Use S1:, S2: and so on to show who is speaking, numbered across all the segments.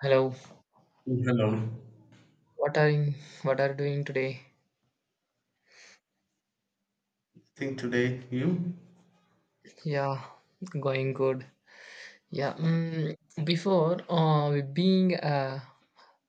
S1: Hello,
S2: Hello.
S1: what are you, what are you doing today?
S2: Think today you.
S1: Yeah, going good. Yeah, before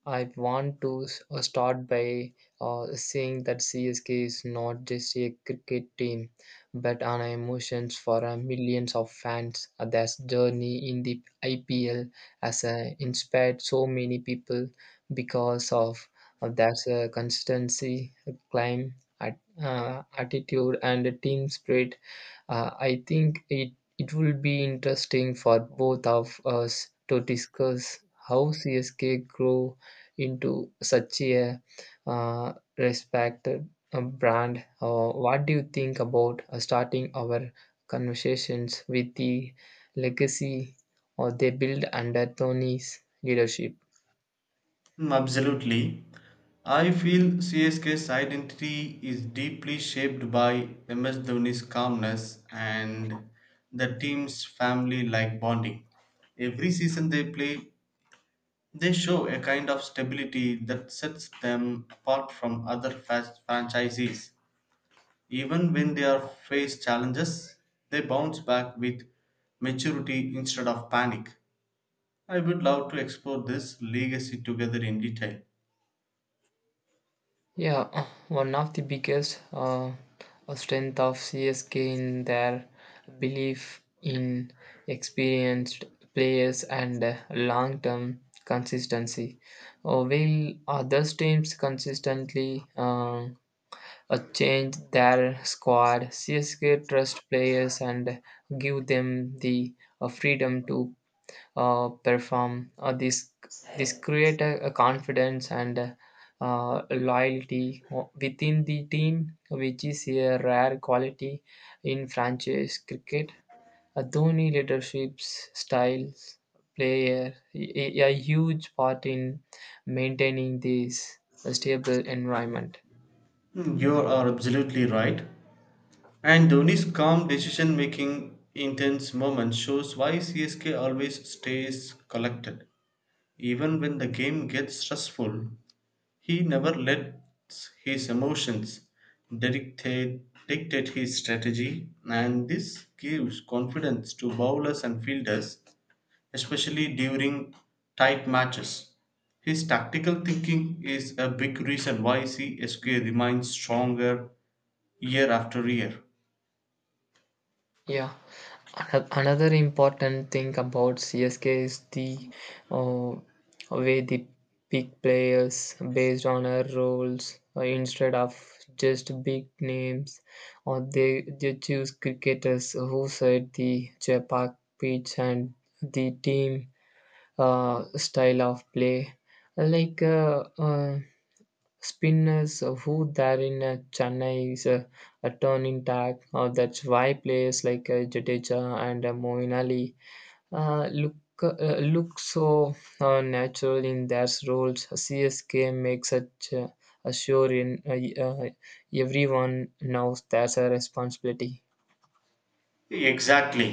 S1: I want to start by saying that CSK is not just a cricket team, but an emotions for millions of fans. Their journey in the IPL has inspired so many people because of their consistency, climb, attitude, and team spirit. I think it will be interesting for both of us to discuss how CSK grew into such a uh, respected brand. What do you think about starting our conversations with the legacy or they build under Tony's leadership?
S2: Absolutely, I feel CSK's identity is deeply shaped by MS Dhoni's calmness and the team's family like bonding. Every season they play, they show a kind of stability that sets them apart from other fast franchises. Even when they are faced challenges, they bounce back with maturity instead of panic. I would love to explore this legacy together in detail.
S1: Yeah, one of the biggest strength of CSK in their belief in experienced players and long-term consistency. While other teams consistently change their squad, CSK trust players and give them the freedom to perform. This create a confidence and loyalty within the team, which is a rare quality in franchise cricket. A Dhoni leadership's styles play a huge part in maintaining this stable environment.
S2: Hmm. You are absolutely right. And Dhoni's calm decision making intense moment shows why CSK always stays collected. Even when the game gets stressful, he never lets his emotions dictate, dictate his strategy, and this gives confidence to bowlers and fielders especially during tight matches. His tactical thinking is a big reason why CSK remains stronger year after year.
S1: Yeah. Another important thing about CSK is the uh, way they pick players based on their roles instead of just big names, or they choose cricketers who set the Chepak pitch and the team style of play. Like spinners who there in Chennai is a turning tag. That's why players like Jadeja and Moeen Ali uh, look look so natural in their roles. CSK makes such a sure in everyone knows that's a responsibility.
S2: Exactly.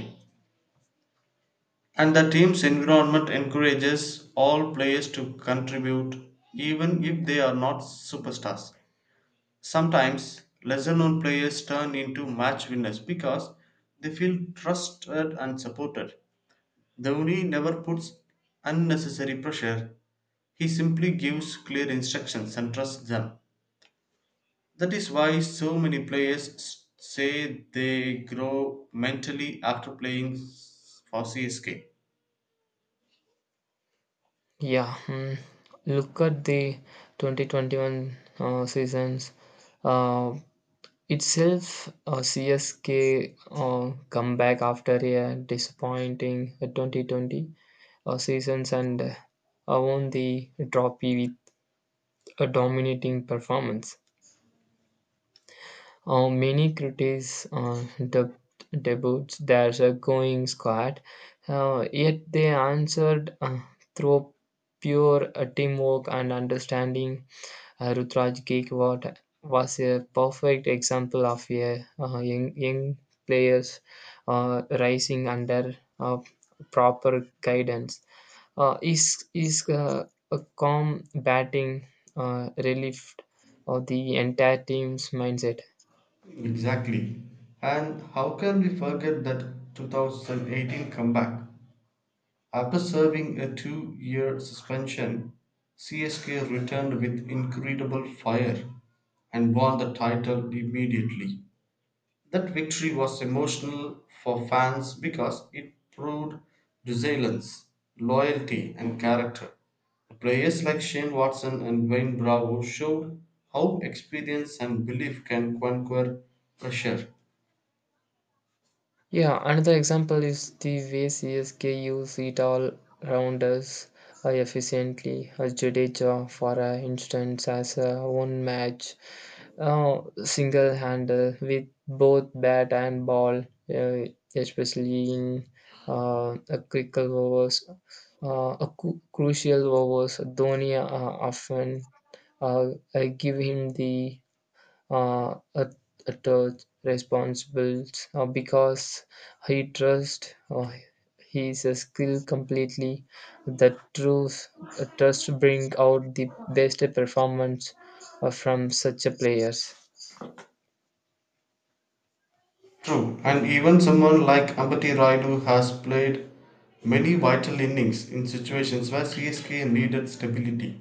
S2: And the team's environment encourages all players to contribute, even if they are not superstars. Sometimes, lesser known players turn into match winners because they feel trusted and supported. Dhoni never puts unnecessary pressure. He simply gives clear instructions and trusts them. That is why so many players say they grow mentally after playing for CSK.
S1: Yeah, mm, look at the 2021 seasons. Uh, itself, CSK comeback after a disappointing 2020 seasons and won the trophy with a dominating performance. Many critics dubbed debuts there's a going squad, yet they answered through pure teamwork and understanding. Rutraj Gaikwad was a perfect example of a young players rising under proper guidance. His a calm batting relieved of the entire team's mindset.
S2: Exactly. And how can we forget that 2018 comeback? After serving a 2-year suspension, CSK returned with incredible fire and won the title immediately. That victory was emotional for fans because it proved resilience, loyalty and character. Players like Shane Watson and Wayne Bravo showed how experience and belief can conquer pressure.
S1: Yeah, another example is the way CSK use it all rounders efficiently. Jadeja, for instance, as a one match single handle with both bat and ball, uh, especially in a critical overs, a cu- crucial overs. Dhoni often uh, give him the uh, at, at all responsible because he trusts his skill completely. The truth, trust bring out the best performance from such a players.
S2: True, and even someone like Ambati Raidu has played many vital innings in situations where CSK needed stability.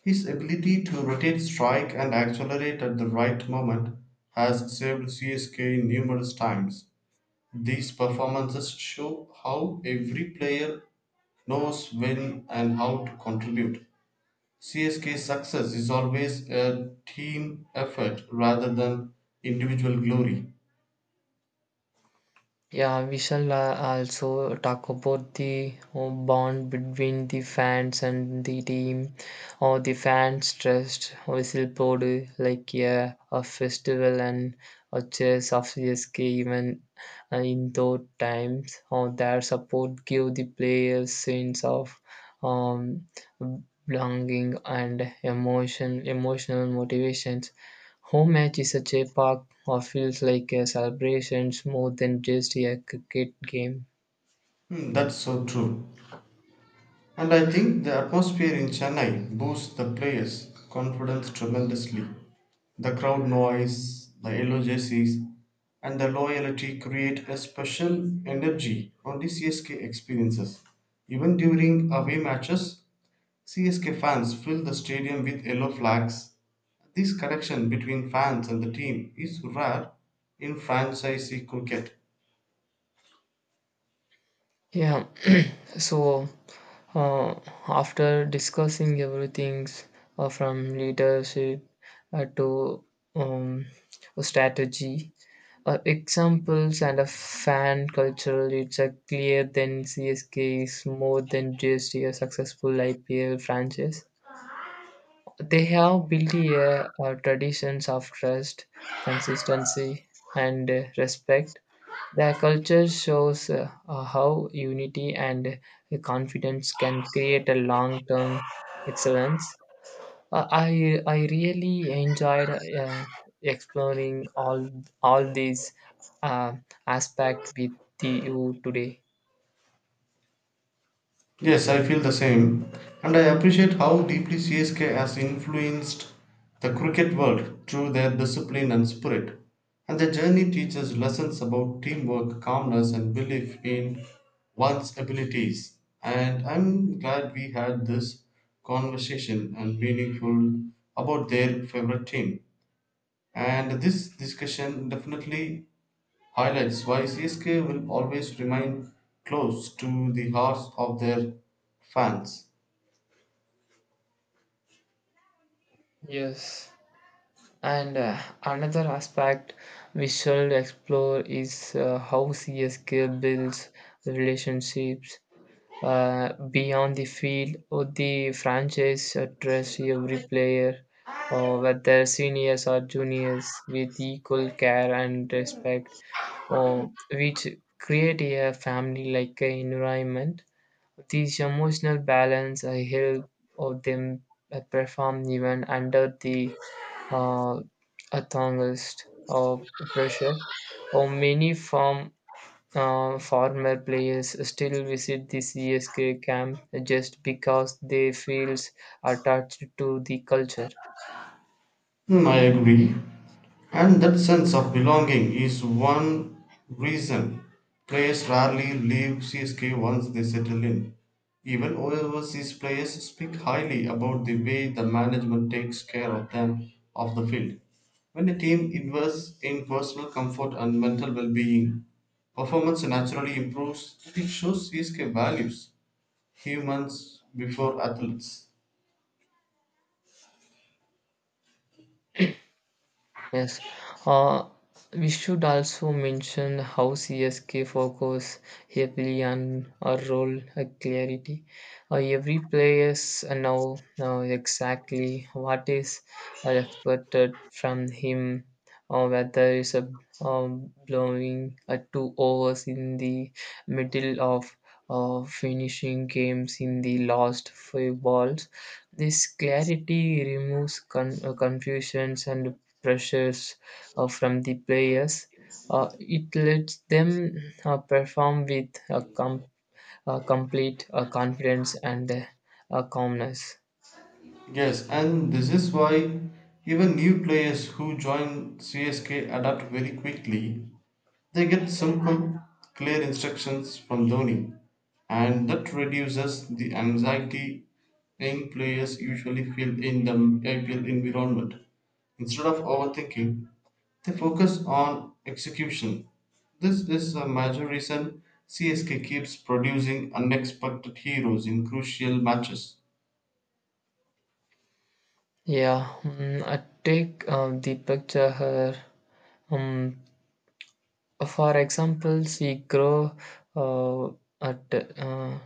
S2: His ability to rotate, strike, and accelerate at the right moment has saved CSK numerous times. These performances show how every player knows when and how to contribute. CSK's success is always a team effort rather than individual glory.
S1: Yeah, we shall also talk about the bond between the fans and the team, or the fans trust whistleblower like yeah, a festival and a chess of CSK even in those times, or their support give the players sense of um, belonging and emotional motivations. Home match is such a part of feels like a celebrations more than just a cricket game.
S2: Hmm, that's so true. And I think the atmosphere in Chennai boosts the players' confidence tremendously. The crowd noise, the yellow jerseys, and the loyalty create a special energy on the CSK experiences. Even during away matches, CSK fans fill the stadium with yellow flags. This connection between fans and the team is rare in franchisee cricket.
S1: Yeah. So uh, after discussing everything from leadership to um, strategy, examples and a fan culture, it's a clear then CSK is more than just a successful IPL franchise. They have built a, traditions of trust, consistency, and respect. Their culture shows how unity and confidence can create a long-term excellence. I really enjoyed exploring all these uh, aspects with you today.
S2: Yes, I feel the same. And I appreciate how deeply CSK has influenced the cricket world through their discipline and spirit. And their journey teaches lessons about teamwork, calmness, and belief in one's abilities. And I'm glad we had this conversation and meaningful about their favorite team. And this discussion definitely highlights why CSK will always remain close to the hearts of their fans.
S1: Yes. And another aspect we should explore is how CSK builds relationships beyond the field or the franchise address every player, or whether seniors or juniors, with equal care and respect, or which create a family-like environment. This emotional balance help of them perform even under the uh, a thongist or pressure, or many farm former players still visit the CSK camp just because they feels attached to the culture.
S2: Hmm, I agree. And that sense of belonging is one reason players rarely leave CSK once they settle in. Even overseas players speak highly about the way the management takes care of them off the field. When a team invests in personal comfort and mental well being, performance naturally improves. It shows CSK values humans before athletes.
S1: Yes, uh, we should also mention how CSK focus heavily on a role clarity. Every player now know exactly what is expected from him, or whether it's a blowing two overs in the middle of finishing games in the last five balls. This clarity removes confusions and pressures from the players. It lets them perform with a complete confidence and a calmness.
S2: Yes, and this is why even new players who join CSK adapt very quickly. They get simple, clear instructions from Dhoni, and that reduces the anxiety young players usually feel in the IPL environment. Instead of overthinking, they focus on execution. This is a major reason CSK keeps producing unexpected heroes in crucial matches.
S1: Yeah, mm, I take the picture here. Um, for example, she grow uh, at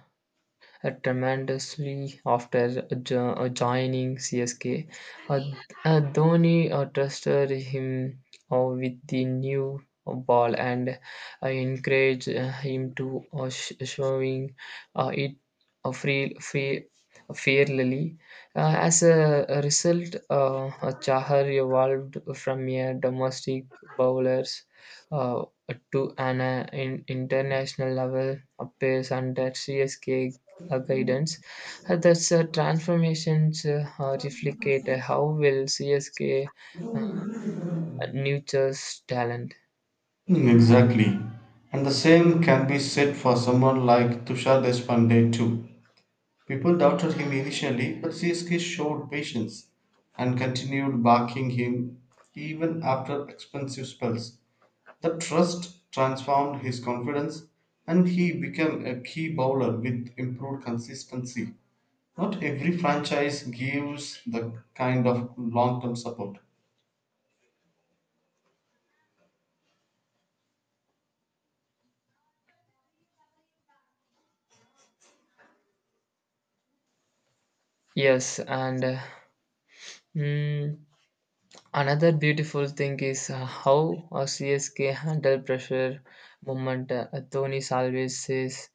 S1: tremendously after joining CSK. Uh, Dhoni trusted him with the new ball and encouraged him to showing it uh, free, free, fairly. As a result, Chahar evolved from a domestic bowlers uh, to an in international level pace under CSK guidance. That's transformations replicate how will CSK uh, nurtures talent.
S2: Mm, exactly. And the same can be said for someone like Tushar Deshpande too. People doubted him initially, but CSK showed patience and continued backing him even after expensive spells. The trust transformed his confidence and he became a key bowler with improved consistency. Not every franchise gives the kind of long term support.
S1: Yes, and mm, another beautiful thing is how CSK handle pressure moment. Tony always says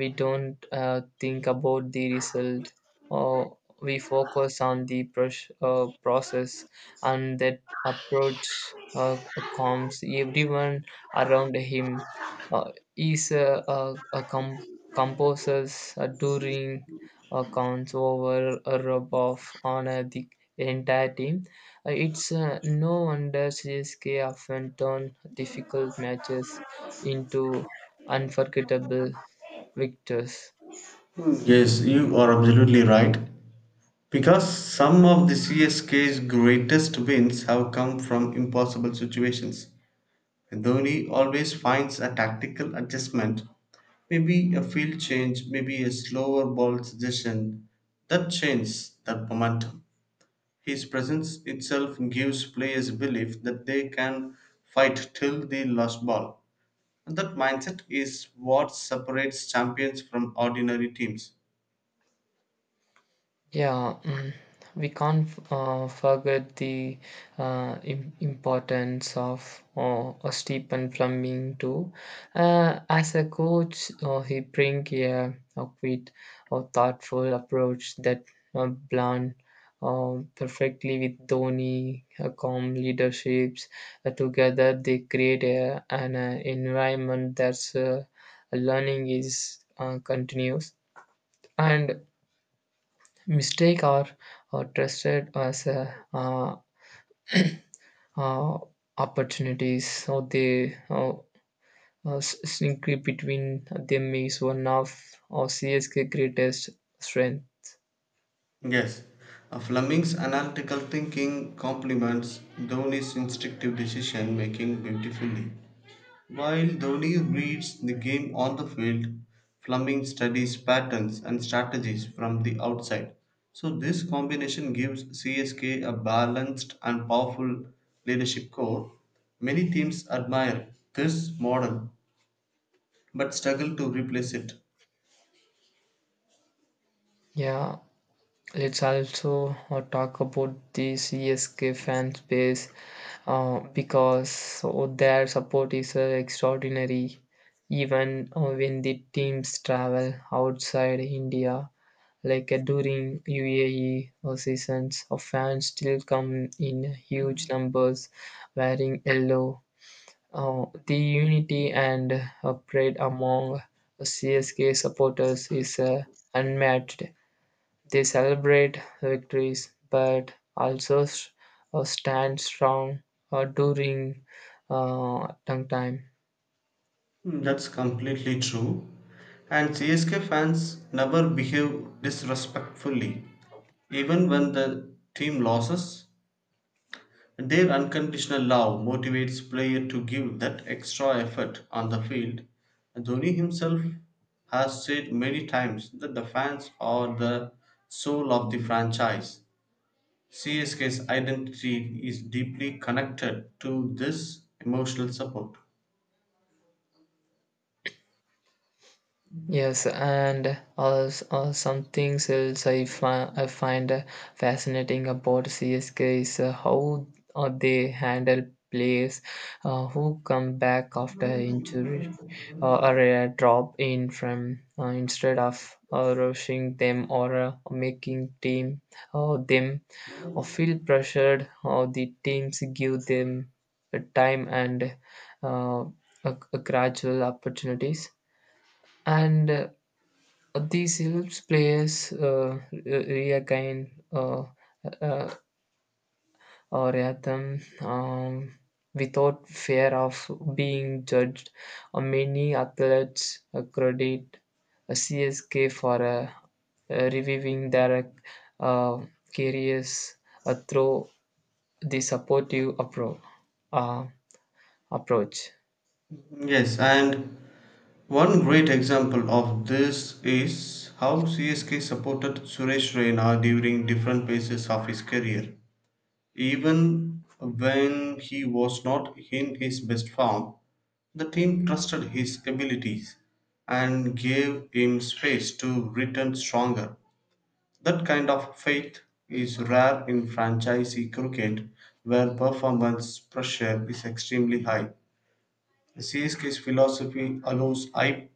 S1: we don't think about the result, or we focus on the process, and that approach calms everyone around him. He's a composers during counts over a rub off on the entire team. Uh, It's no wonder CSK often turn difficult matches into unforgettable victors.
S2: Yes, you are absolutely right. Because some of the CSK's greatest wins have come from impossible situations. Dhoni always finds a tactical adjustment, maybe a field change, maybe a slower ball suggestion that changes that momentum. His presence itself gives players belief that they can fight till the last ball. And that mindset is what separates champions from ordinary teams.
S1: Yeah, mm, we can't forget the importance of Stephen Fleming too. As a coach, he bring a quick or thoughtful approach that blend perfectly with Dhoni, calm leaderships. Together, they create an environment that's learning is continuous and mistakes are trusted as uh, opportunities, so they sneak between them is one of CSK greatest strength.
S2: Yes, Fleming's analytical thinking complements Dhoni's instinctive decision making beautifully. While Dhoni reads the game on the field, Fleming studies patterns and strategies from the outside. So, this combination gives CSK a balanced and powerful leadership core. Many teams admire this model but struggle to replace it.
S1: Yeah, let's also talk about the CSK fan space because their support is extraordinary even when the teams travel outside India. Like during UAE seasons, fans still come in huge numbers wearing yellow. The unity and pride among CSK supporters is unmatched. They celebrate victories but also stand strong during tough time.
S2: Hmm, that's completely true. And CSK fans never behave disrespectfully. Even when the team loses, their unconditional love motivates player to give that extra effort on the field. Dhoni himself has said many times that the fans are the soul of the franchise. CSK's identity is deeply connected to this emotional support.
S1: Yes, and something else I find fascinating about CSK is how they handle players who come back after injury or a drop in from instead of rushing them or making team them or feel pressured or the teams give them a time and uh, a gradual opportunities and these helps players regain uh, a rhythm without fear of being judged. Many athletes credit CSK for reviving their uh, careers through the supportive uh, approach.
S2: Yes, and one great example of this is how CSK supported Suresh Raina during different phases of his career. Even when he was not in his best form, the team trusted his abilities and gave him space to return stronger. That kind of faith is rare in franchisee cricket where performance pressure is extremely high. Seeski's philosophy allows I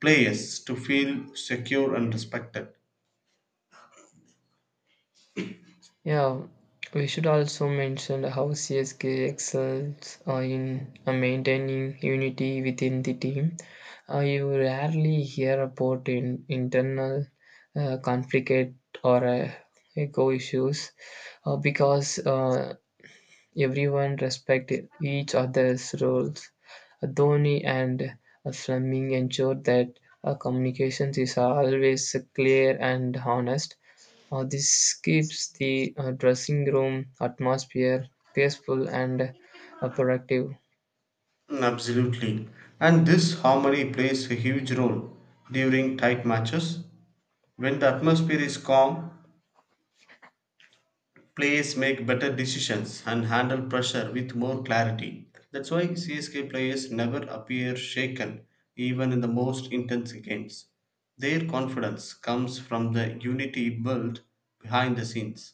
S2: players to feel secure and respected.
S1: Yeah, we should also mention how CSK excels in maintaining unity within the team. You rarely hear about internal conflict or ego issues because everyone respected each other's roles. Dhoni and Fleming ensured that communications is always clear and honest. This keeps the dressing room atmosphere peaceful and productive.
S2: Mm, absolutely. And this harmony plays a huge role during tight matches. When the atmosphere is calm, players make better decisions and handle pressure with more clarity. That's why CSK players never appear shaken, even in the most intense games. Their confidence comes from the unity built behind the scenes.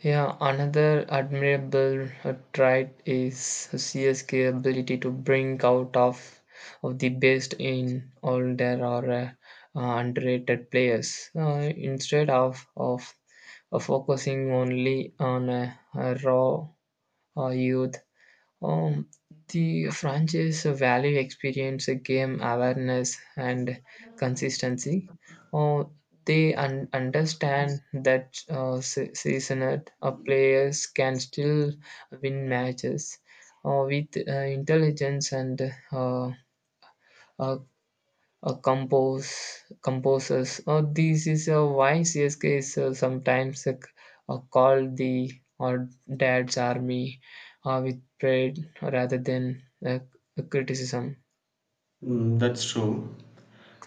S1: Yeah, another admirable trait is CSK ability to bring out of the best in all their or underrated players instead of focusing only on raw youth. Um, the franchise value experience, game awareness, and consistency. Uh, they understand that seasoned players can still win matches with intelligence and uh, uh, uh, compose composers. This is a why CSK is sometimes called the or Dad's Army with pride rather than criticism.
S2: Mm, that's true.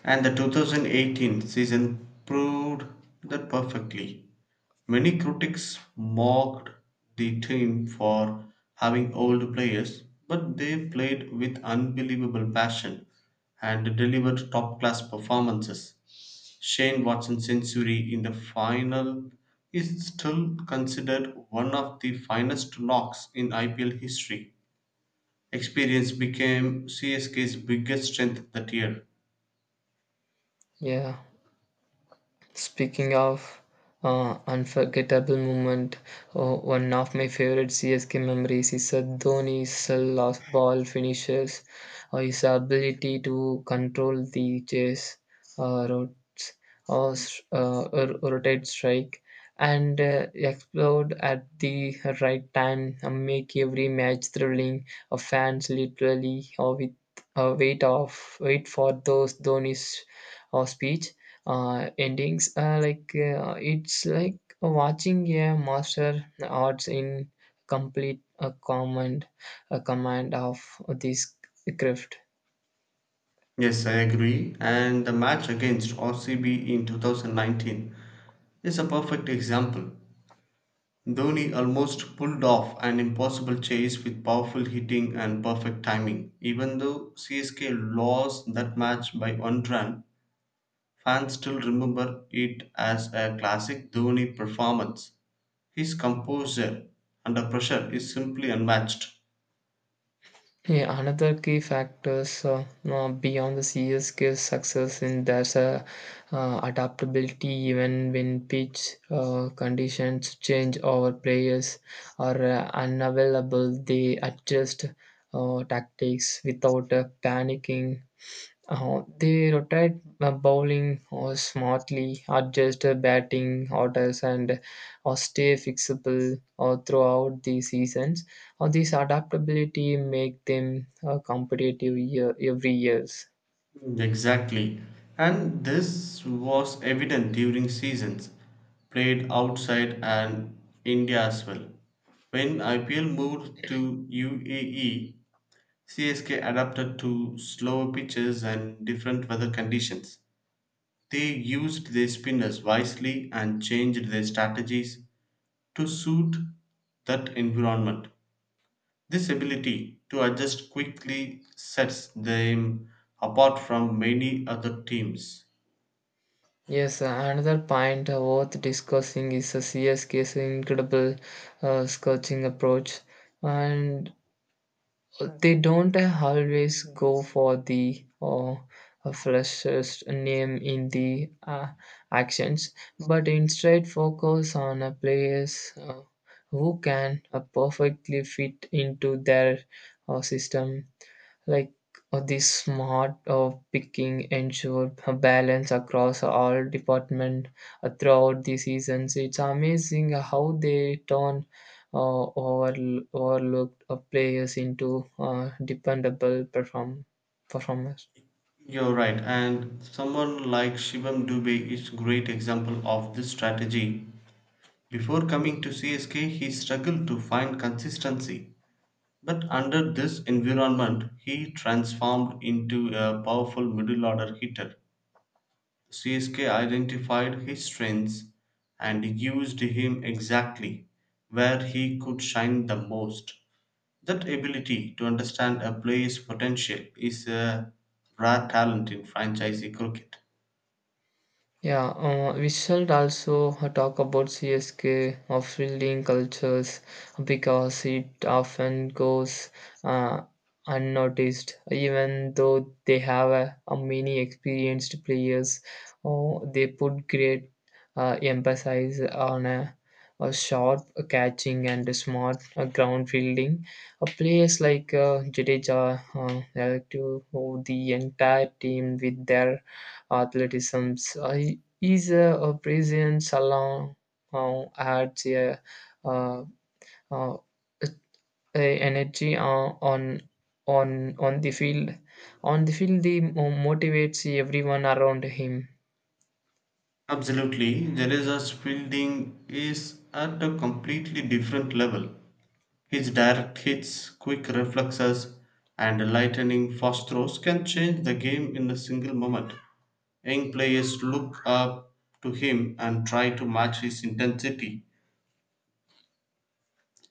S2: And the 2018 season proved that perfectly. Many critics mocked the team for having old players, but they played with unbelievable passion and delivered top class performances. Shane Watson's century in the final is still considered one of the finest knocks in IPL history. Experience became CSK's biggest strength that year.
S1: Yeah. Speaking of unforgettable moment, one of my favorite CSK memories is Dhoni's last ball finishes, or his ability to control the chase, routes, or or rotate strike, and explode at the right time and make every match thrilling. Fans literally with wait of wait for those Dhoni's speech endings. Like it's like watching a master arts in complete a command of this craft.
S2: Yes, I agree. And the match against RCB in 2019 is a perfect example. Dhoni almost pulled off an impossible chase with powerful hitting and perfect timing. Even though CSK lost that match by one run, fans still remember it as a classic Dhoni performance. His composure under pressure is simply unmatched.
S1: Yeah, another key factors beyond the CSK success in there's a adaptability even when pitch conditions change or players are unavailable they adjust tactics without panicking. They rotate bowling or smartly, adjust batting orders, and stay fixable throughout the seasons. This adaptability make them every years.
S2: Exactly. And this was evident during seasons played outside and India as well. When IPL moved to UAE, CSK adapted to slower pitches and different weather conditions. They used their spinners wisely and changed their strategies to suit that environment. This ability to adjust quickly sets them apart from many other teams.
S1: Yes, another point worth discussing is CSK's incredible scoring approach, and they don't always go for the freshest name in the actions, but instead focus on a players who can perfectly fit into their system. Like this smart picking ensure a balance across all department throughout the seasons. It's amazing how they turn uh, over, overlooked players into dependable performers.
S2: You're right, and someone like Shivam Dubey is great example of this strategy. Before coming to CSK, he struggled to find consistency, but under this environment, he transformed into a powerful middle order hitter. CSK identified his strengths and used him exactly where he could shine the most. That ability to understand a player's potential is a rare talent in franchise cricket.
S1: Yeah, we should also talk about CSK or fielding cultures because it often goes uh, unnoticed, even though they have a many experienced players. Oh, they put great emphasis on a sharp catching and a smart ground fielding. Players like Jadeja help to oh, the entire team with their athleticism. I is a Brazilian salon adds uh, uh, a energy on on the field. On the field, he motivates everyone around him.
S2: Absolutely, Jadeja's fielding is at a completely different level. His direct hits, quick reflexes, and lightning fast throws can change the game in a single moment. Young players look up to him and try to match his intensity.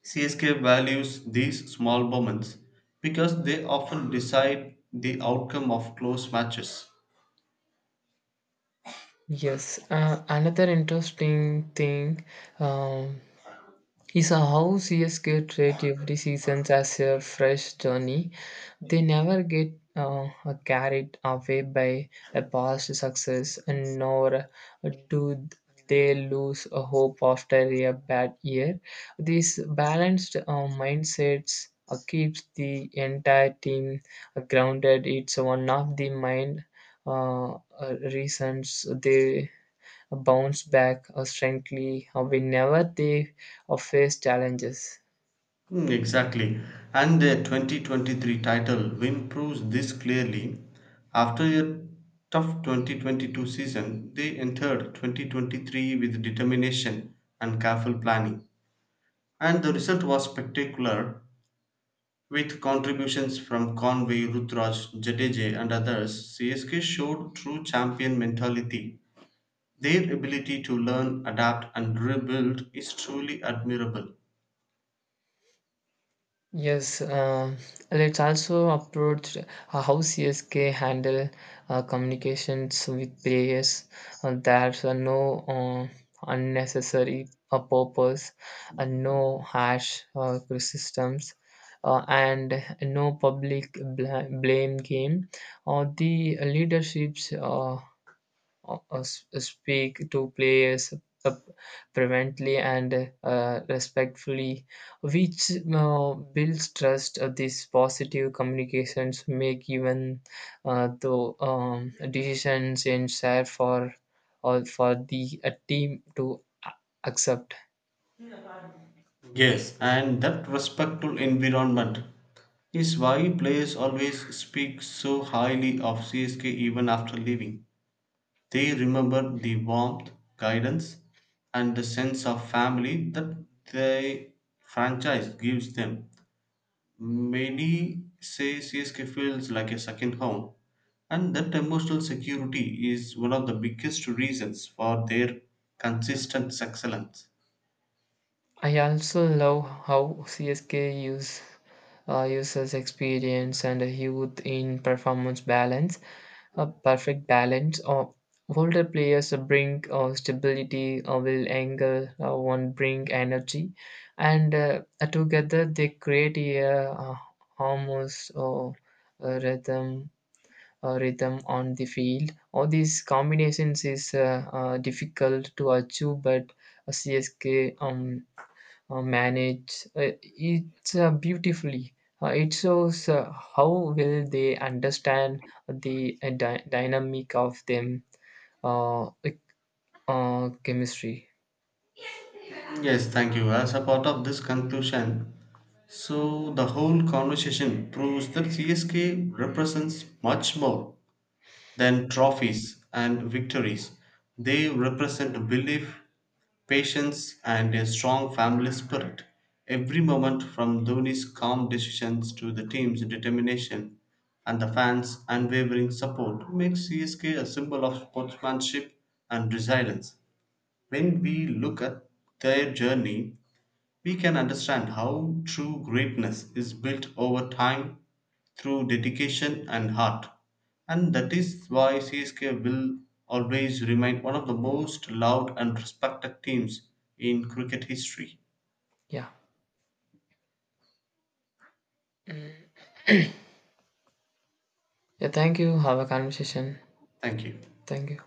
S2: CSK values these small moments because they often decide the outcome of close matches.
S1: Yes, another interesting thing. um is how CSK treat every season as a fresh journey. They never get carried away by a past success, and nor do they lose a hope after a bad year. This balanced mindsets keeps the entire team grounded. It's one of the mind reasons they a bounce back strongly whenever they face challenges.
S2: Hmm, exactly. And the 2023 title win proves this clearly. After a tough 2022 season, they entered 2023 with determination and careful planning. And the result was spectacular with contributions from Conway, Rutraj, Jadeje, and others. CSK showed true champion mentality. Their ability to learn, adapt, and rebuild is truly admirable.
S1: Yes, let's also approach how CSK handle communications with players. There's no unnecessary purpose, no harsh criticisms, and no public blame game. The leaderships speak to players uh, prevently and respectfully, which builds trust. These positive communications make even the decisions in share for or for the team to accept.
S2: Yes, and that respectful environment is why players always speak so highly of CSK even after leaving. They remember the warmth, guidance, and the sense of family that the franchise gives them. Many say CSK feels like a second home, and that emotional security is one of the biggest reasons for their consistent excellence.
S1: I also love how CSK uses experience and youth in performance balance, a perfect balance. Of older players bring stability, will angle one bring energy, and together they create a uh, almost a rhythm a rhythm on the field. All these combinations is difficult to achieve, but CSK manage it beautifully. It shows how well they understand the dynamic of them like, chemistry.
S2: Yes, thank you. As a part of this conclusion, so the whole conversation proves that CSK represents much more than
S1: Yeah,
S2: trophies and victories. They represent belief, patience, and a strong family spirit. Every moment from Dhoni's calm decisions to the team's determination and the fans' unwavering support makes CSK a symbol of sportsmanship and resilience. When we look at their journey, we can understand how true greatness is built over time through dedication and heart. And that is why CSK will always remain one of the most loved and respected teams in cricket history.
S1: yeah. Mm. Yeah. Thank you. Have a conversation.
S2: Thank you.
S1: Thank you.